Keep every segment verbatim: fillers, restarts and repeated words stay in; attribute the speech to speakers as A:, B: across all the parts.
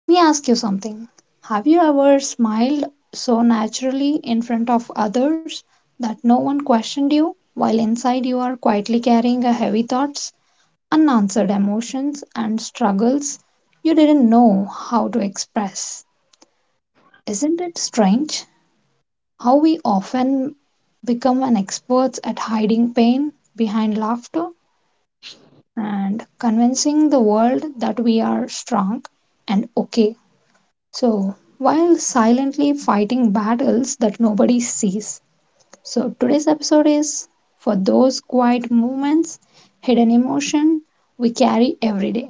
A: Let me ask you something. Have you ever smiled so naturally in front of others that no one questioned you while inside you are quietly carrying a heavy thoughts, unanswered emotions and struggles you didn't know how to express? Isn't it strange how we often become an experts at hiding pain behind laughter, and convincing the world that we are strong and okay. So, while silently fighting battles that nobody sees. So, today's episode is for those quiet movements, hidden emotion we carry every day.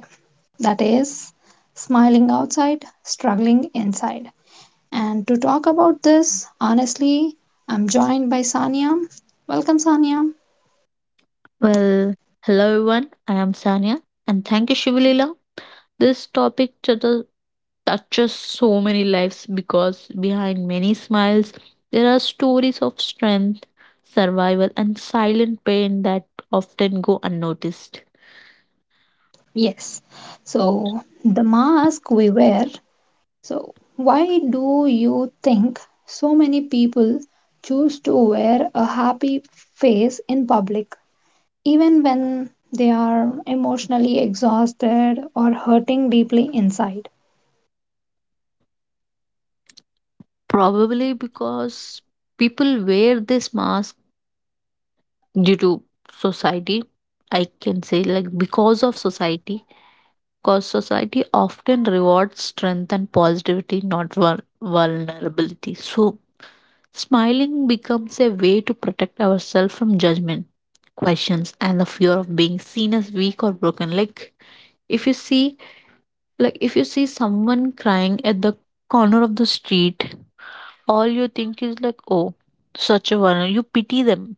A: That is, smiling outside, struggling inside. And to talk about this, honestly, I'm joined by Sanya. Welcome, Sanya.
B: Well, hello everyone. I am Sanya and thank you Shivalila. This topic chata- touches so many lives because behind many smiles there are stories of strength, survival and silent pain that often go unnoticed.
A: Yes. So, the mask we wear. So, why do you think so many people choose to wear a happy face in public, even when they are emotionally exhausted or hurting deeply inside?
B: Probably because people wear this mask due to society. I can say like because of society because society often rewards strength and positivity, not vul- vulnerability. So, smiling becomes a way to protect ourselves from judgment, questions, and the fear of being seen as weak or broken. Like, if you see like if you see someone crying at the corner of the street, all you think is like, oh, such a one, you pity them,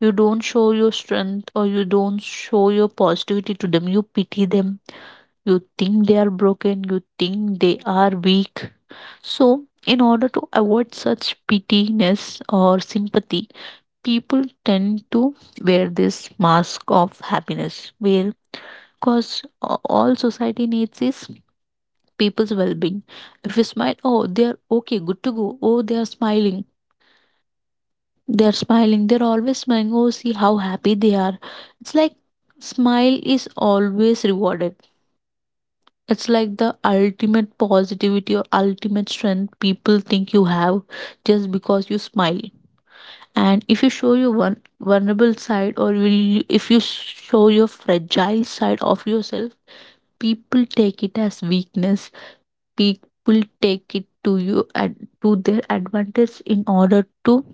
B: you don't show your strength or you don't show your positivity to them, you pity them, you think they are broken, you think they are weak. So, in order to avoid such pityness or sympathy, people tend to wear this mask of happiness, where because all society needs is people's well being. If you smile, oh, they are okay, good to go. Oh, they are smiling. They are smiling. They're always smiling. Oh, see how happy they are. It's like smile is always rewarded. It's like the ultimate positivity or ultimate strength people think you have just because you smile. And if you show your one vulnerable side or will, if you show your fragile side of yourself, people take it as weakness. People take it to you at to their advantage in order to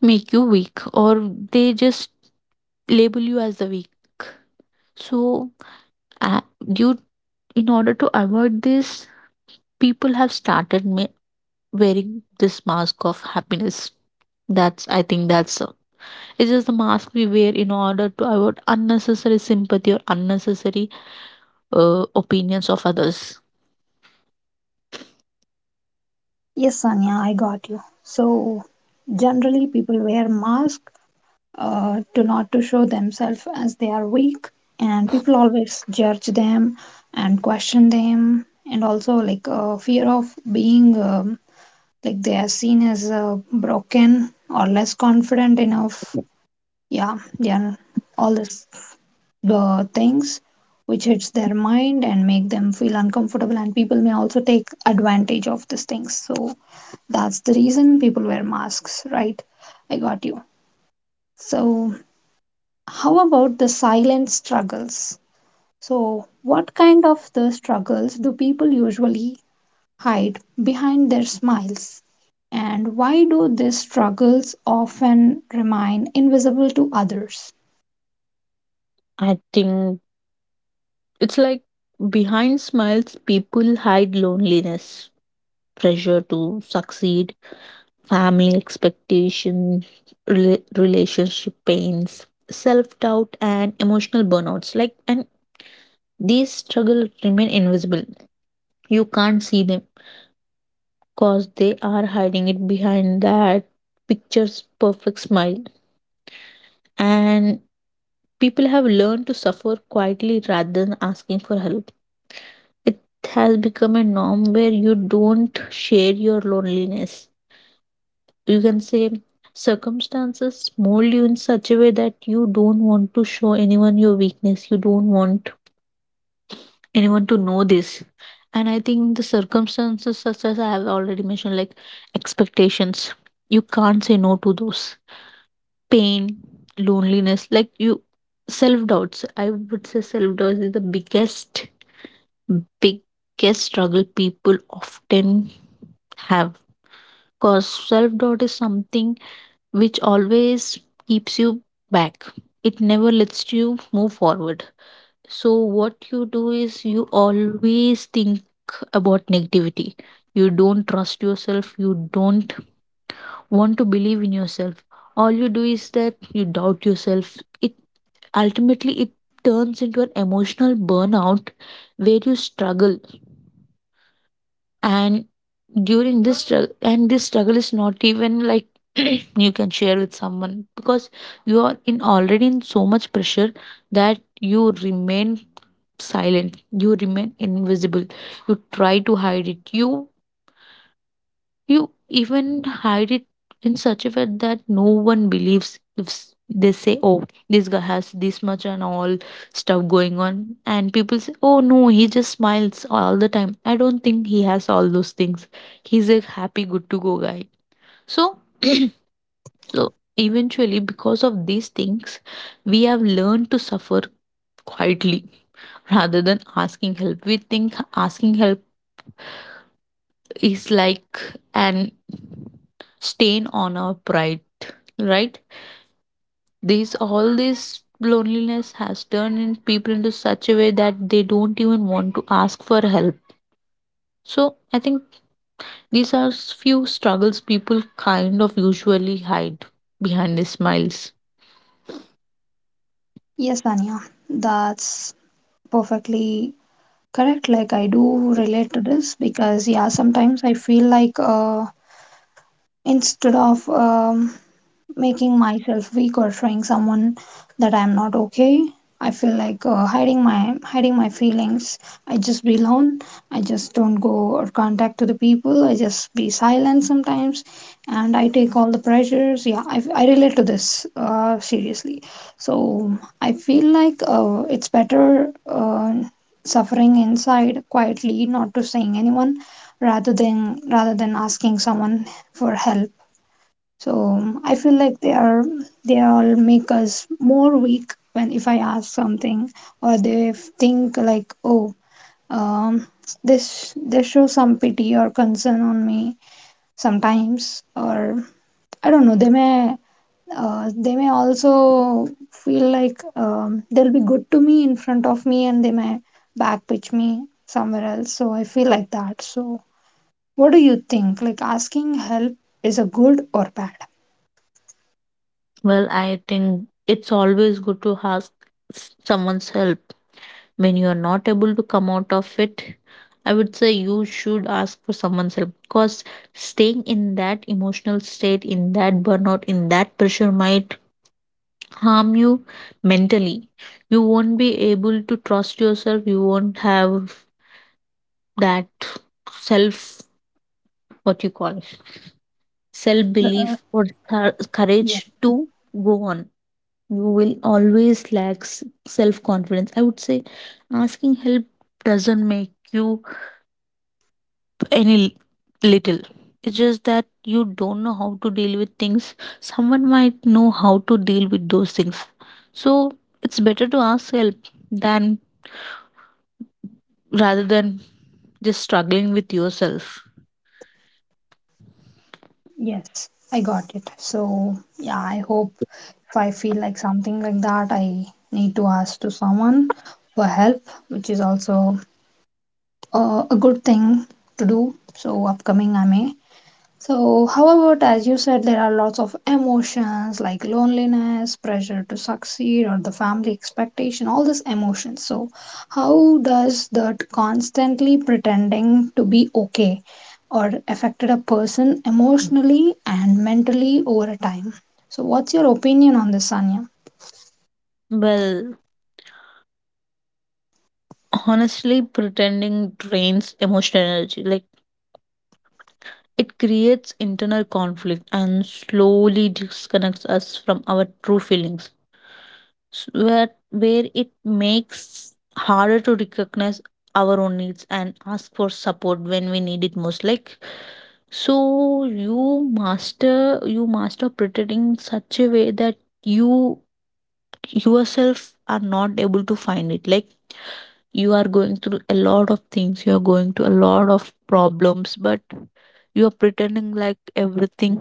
B: make you weak or they just label you as the weak. So uh, you, in order to avoid this, people have started ma- wearing this mask of happiness. That's, I think, that's uh, it's just the mask we wear in order to avoid unnecessary sympathy or unnecessary uh, opinions of others.
A: Yes, Sanya, I got you. So, generally, people wear masks, uh, to not to show themselves as they are weak, and people always judge them and question them, and also like uh, fear of being. Um, like they are seen as uh, broken or less confident enough, yeah, they are all these uh, things which hits their mind and make them feel uncomfortable, and people may also take advantage of these things. So that's the reason people wear masks, right? I got you. So how about the silent struggles? So what kind of the struggles do people usually hide behind their smiles? And why do these struggles often remain invisible to others?
B: I think it's like behind smiles people hide loneliness, pressure to succeed, family expectation, rela- relationship pains, self doubt and emotional burnouts, like, and these struggles remain invisible. You can't see them because they are hiding it behind that picture's perfect smile. And people have learned to suffer quietly rather than asking for help. It has become a norm where you don't share your loneliness. You can say circumstances mold you in such a way that you don't want to show anyone your weakness. You don't want anyone to know this. And I think the circumstances, such as I have already mentioned, like expectations, you can't say no to those. Pain, loneliness, like, you, self doubts. I would say self doubts is the biggest, biggest struggle people often have. Because self doubt is something which always keeps you back, it never lets you move forward. So, what you do is you always think about negativity. You don't trust yourself. You don't want to believe in yourself. All you do is that you doubt yourself. It, ultimately it turns into an emotional burnout where you struggle, and during this struggle, and this struggle is not even like you can share with someone because you are in, already in so much pressure that you remain silent, you remain invisible, you try to hide it, you you even hide it in such a way that no one believes if s- they say, oh, this guy has this much and all stuff going on. And people say, oh, no, he just smiles all the time. I don't think he has all those things. He's a happy, good to go guy. So, so eventually, because of these things, we have learned to suffer quietly rather than asking help. We think asking help is like an stain on our pride, right? This, all this loneliness has turned in people into such a way that they don't even want to ask for help. So I think these are few struggles people kind of usually hide behind the smiles.
A: Yes, Tanya, that's perfectly correct. Like, I do relate to this because, yeah, sometimes I feel like, uh, instead of um, making myself weak or showing someone that I'm not okay. I feel like uh, hiding my hiding my feelings. I just be alone. I just don't go or contact to the people. I just be silent sometimes, and I take all the pressures. Yeah, I, I relate to this uh, seriously. So I feel like uh, it's better uh, suffering inside quietly, not to saying anyone, rather than rather than asking someone for help. So um, I feel like they are they all make us more weak when if I ask something or they f- think like, oh, um this, they show some pity or concern on me sometimes, or I don't know, they may, uh, they may also feel like, um, they'll be good to me in front of me, and they may backpitch me somewhere else, so I feel like that. So what do you think, like asking help is a good or bad?
B: Well, I think it's always good to ask someone's help when you are not able to come out of it. I would say you should ask for someone's help because staying in that emotional state, in that burnout, in that pressure might harm you mentally. You won't be able to trust yourself, you won't have that self, what you call, self belief or cour- courage to go on. You will always lack self confidence. I would say asking help doesn't make you any little. It's just that you don't know how to deal with things. Someone might know how to deal with those things. So it's better to ask help than, rather than just struggling with yourself.
A: Yes, I got it. So, yeah, I hope if I feel like something like that, I need to ask to someone for help, which is also uh, a good thing to do. So, upcoming I may so, however, as you said, there are lots of emotions like loneliness, pressure to succeed, or the family expectation, all these emotions. So, how does that constantly pretending to be okay or affected a person emotionally and mentally over a time? So, what's your opinion on this, Sanya?
B: Well, honestly, pretending drains emotional energy. Like, it creates internal conflict and slowly disconnects us from our true feelings, s- where where it makes harder to recognize our own needs and ask for support when we need it most. Like, so you master, you master pretending in such a way that you yourself are not able to find it. Like, you are going through a lot of things, you are going through a lot of problems, but you are pretending like everything,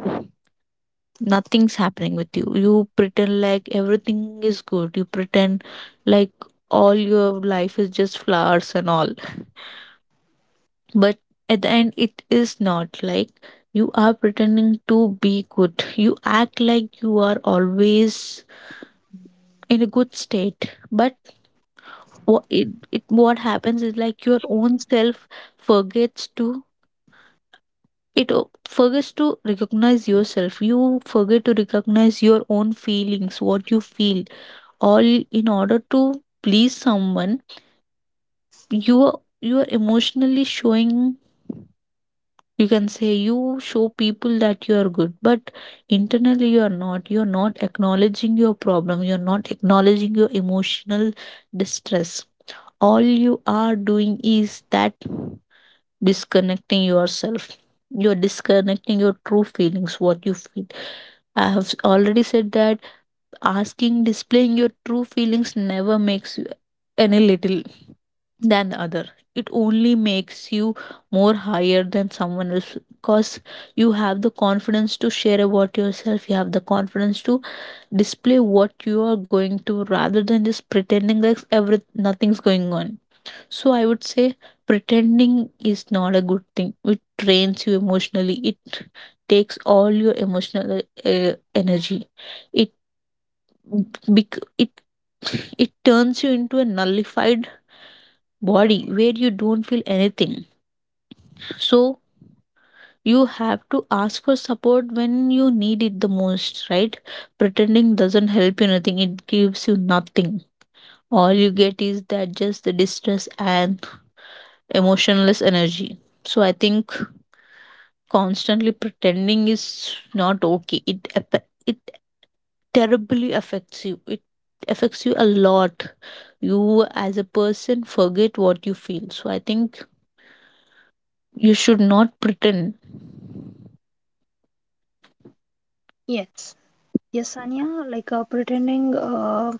B: nothing's happening with you. You pretend like everything is good. You pretend like all your life is just flowers and all, but at the end it is not like. You are pretending to be good, you act like you are always in a good state, but what it, it what happens is like your own self forgets to, it o- forgets to recognize yourself. You forget to recognize your own feelings, what you feel, all, in order to please someone. you are- you are emotionally showing, you can say you show people that you are good, but internally you are not, you are not acknowledging your problem, you are not acknowledging your emotional distress. All you are doing is that disconnecting yourself. You're disconnecting your true feelings, what you feel. I have already said that asking, displaying your true feelings never makes you any little than the other. It only makes you more higher than someone else, because you have the confidence to share about yourself, you have the confidence to display what you are going to, rather than just pretending like every, nothing's going on. So I would say pretending is not a good thing. It drains you emotionally, it takes all your emotional uh, energy. It bec- it, it turns you into a nullified body where you don't feel anything. So you have to ask for support when you need it the most, right? Pretending doesn't help you nothing, it gives you nothing. All you get is that just the distress and emotionless energy. So I think constantly pretending is not okay. It ap- it terribly affects you. It affects you a lot. You, as a person, forget what you feel. So I think you should not pretend.
A: Yes. Yes, Sanya, like uh, pretending uh,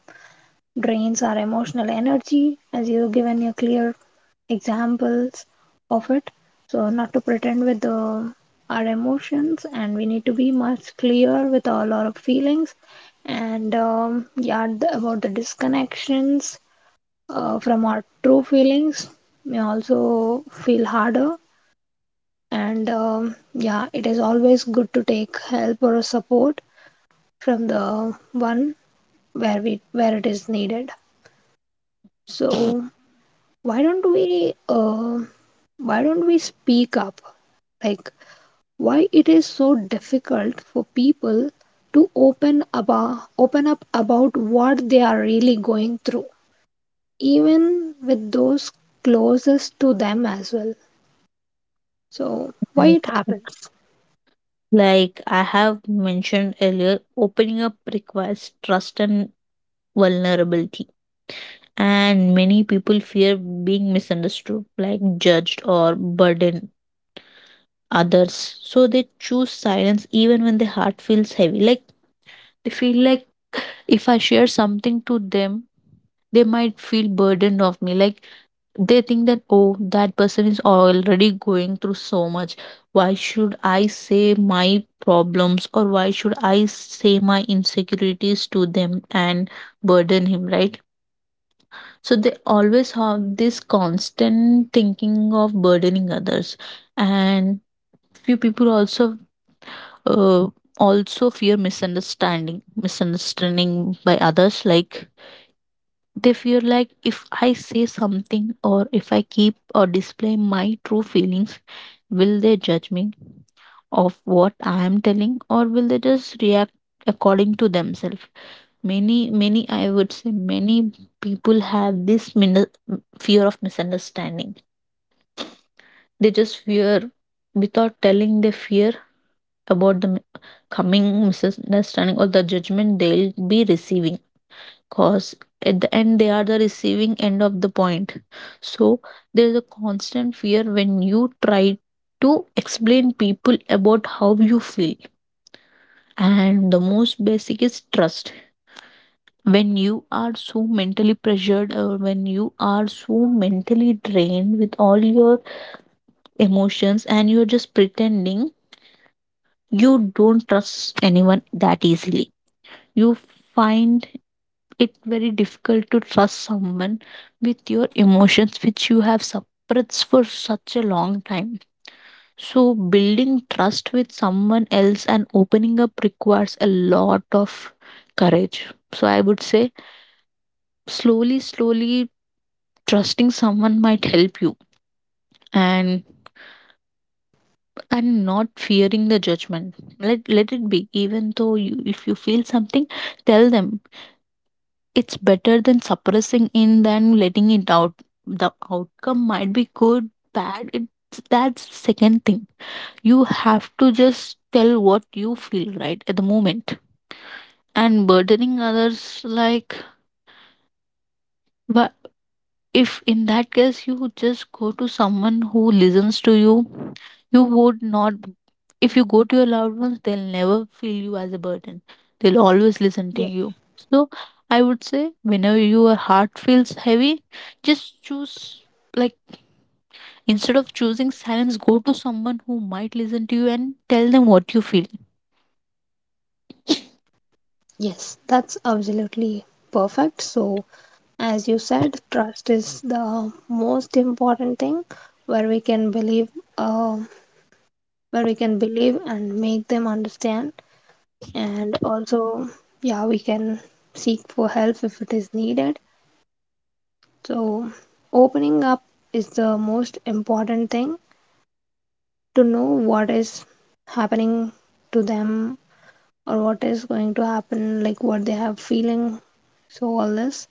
A: drains our emotional energy, as you given a clear examples of it. So, not to pretend with the, our emotions, and we need to be much clear with all our feelings and um, yeah, the, about the disconnections uh, from our true feelings may also feel harder. And um, yeah, it is always good to take help or support from the one where we where it is needed. So why don't we uh, why don't we speak up? Like why it is so difficult for people to open about open up about what they are really going through, even with those closest to them as well. So why
B: Like,
A: it happens?
B: like I have mentioned earlier, opening up requires trust and vulnerability. And many people fear being misunderstood, like judged or burden others. So they choose silence even when their heart feels heavy. Like, they feel like if I share something to them, they might feel burdened of me. Like, they think that, oh, that person is already going through so much, why should I say my problems or why should I say my insecurities to them and burden him, right? So they always have this constant thinking of burdening others. And few people also uh, also fear misunderstanding, misunderstanding by others. Like, they feel like if I say something or if I keep or display my true feelings, will they judge me of what I am telling, or will they just react according to themselves? Many, many, I would say, many people have this min- fear of misunderstanding. They just fear, without telling they fear about the mi- coming misunderstanding or the judgment they'll be receiving, cause at the end they are the receiving end of the point. So there is a constant fear when you try to explain people about how you feel. And the most basic is trust. When you are so mentally pressured or when you are so mentally drained with all your emotions and you're just pretending, you don't trust anyone that easily. You find it's very difficult to trust someone with your emotions which you have suppressed for such a long time. So building trust with someone else and opening up requires a lot of courage. So I would say slowly, slowly trusting someone might help you. and and not fearing the judgment, let, let it be, even though you, if you feel something, tell them. It's better than suppressing in than letting it out. The outcome might be good, bad, it's, that's second thing. You have to just tell what you feel right at the moment. And burdening others, like, wha- if in that case you just go to someone who listens to you, you would not, if you go to your loved ones, they'll never feel you as a burden, they'll always listen to you. So I would say, whenever your heart feels heavy, just choose, like, instead of choosing silence, go to someone who might listen to you and tell them what you feel.
A: Yes, that's absolutely perfect. So, as you said, trust is the most important thing where we can believe, um where we can believe and make them understand, and also, yeah, we can seek for help if it is needed. So, opening up is the most important thing to know what is happening to them or what is going to happen, like what they have feeling. So, all this.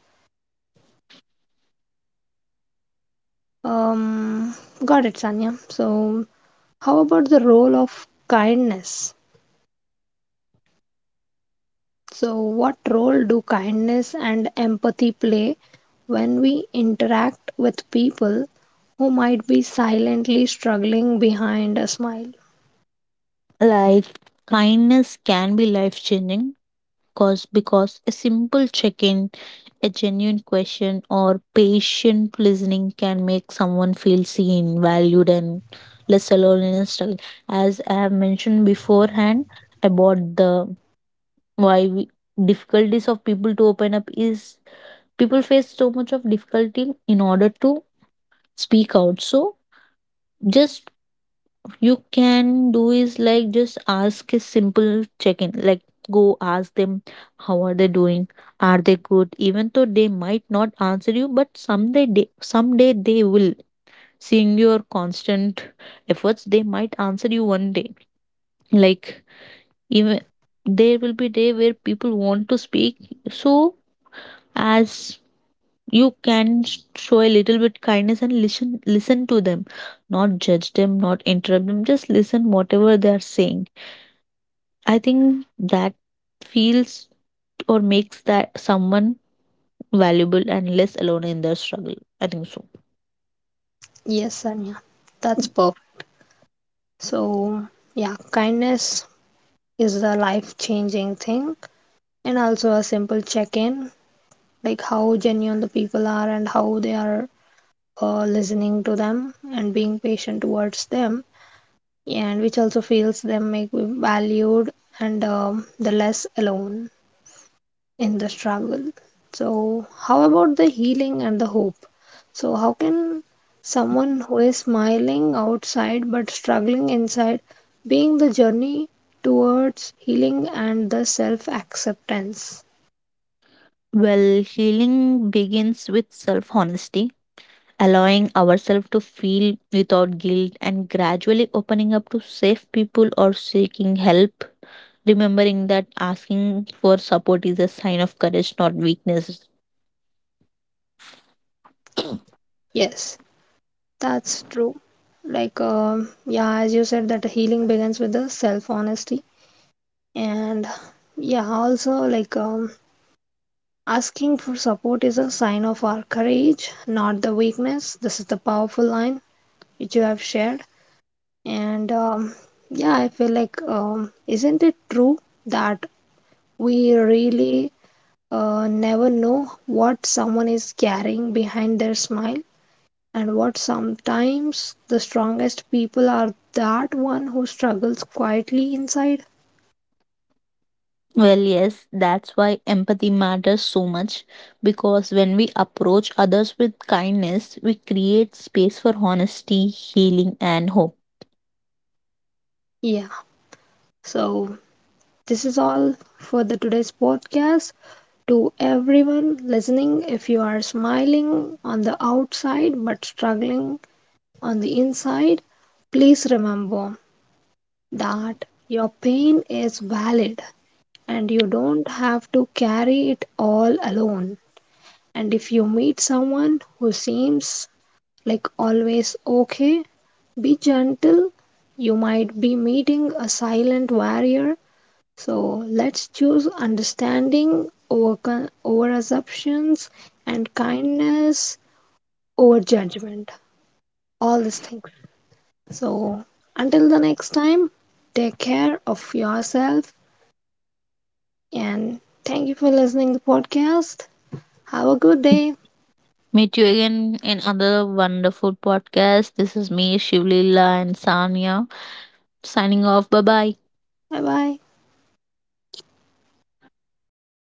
A: Um, got it, Sanya. So, how about the role of kindness? So, what role do kindness and empathy play when we interact with people who might be silently struggling behind a smile?
B: Like, kindness can be life changing, cause because a simple check-in, a genuine question or patient listening can make someone feel seen, valued, and less alone in a struggle. As I have mentioned beforehand about the, why we, difficulties of people to open up is people face so much of difficulty in order to speak out. So just, you can do is like just ask a simple check in, like go ask them how are they doing, are they good. Even though they might not answer you, but someday they, someday they will, seeing your constant efforts they might answer you one day. Like, even there will be day where people want to speak. So as you can sh- show a little bit kindness and listen listen to them, not judge them, not interrupt them, just listen whatever they are saying. I think that feels or makes that someone valuable and less alone in their struggle. I think so.
A: Yes, Sanya. That's perfect. So, yeah, kindness is a life changing thing, and also a simple check in, like how genuine the people are and how they are uh, listening to them and being patient towards them, and which also feels them make me valued and um, the less alone in the struggle. So, how about the healing and the hope? So, how can someone who is smiling outside but struggling inside being the journey towards healing and the self acceptance?
B: Well, healing begins with self honesty, allowing ourselves to feel without guilt and gradually opening up to safe people or seeking help. Remembering that asking for support is a sign of courage, not weakness.
A: Yes, that's true. Like, um, yeah, as you said, that healing begins with the self honesty, and yeah, also, like, um, asking for support is a sign of our courage, not the weakness. This is the powerful line which you have shared. And um, yeah, I feel like, um, isn't it true that we really uh, never know what someone is carrying behind their smile? And what sometimes the strongest people are that one who struggles quietly inside?
B: Well, yes, that's why empathy matters so much, because when we approach others with kindness, we create space for honesty, healing, and hope.
A: Yeah, so this is all for the today's podcast. To everyone listening, if you are smiling on the outside but struggling on the inside, please remember that your pain is valid and you don't have to carry it all alone. And if you meet someone who seems like always okay, be gentle. You might be meeting a silent warrior. So let's choose understanding over, over assumptions and kindness over judgment. All these things. So, until the next time, take care of yourself and thank you for listening to the podcast. Have a good day.
B: Meet you again in another wonderful podcast. This is me, Shivlila, and Sanya signing off. Bye bye.
A: Bye bye.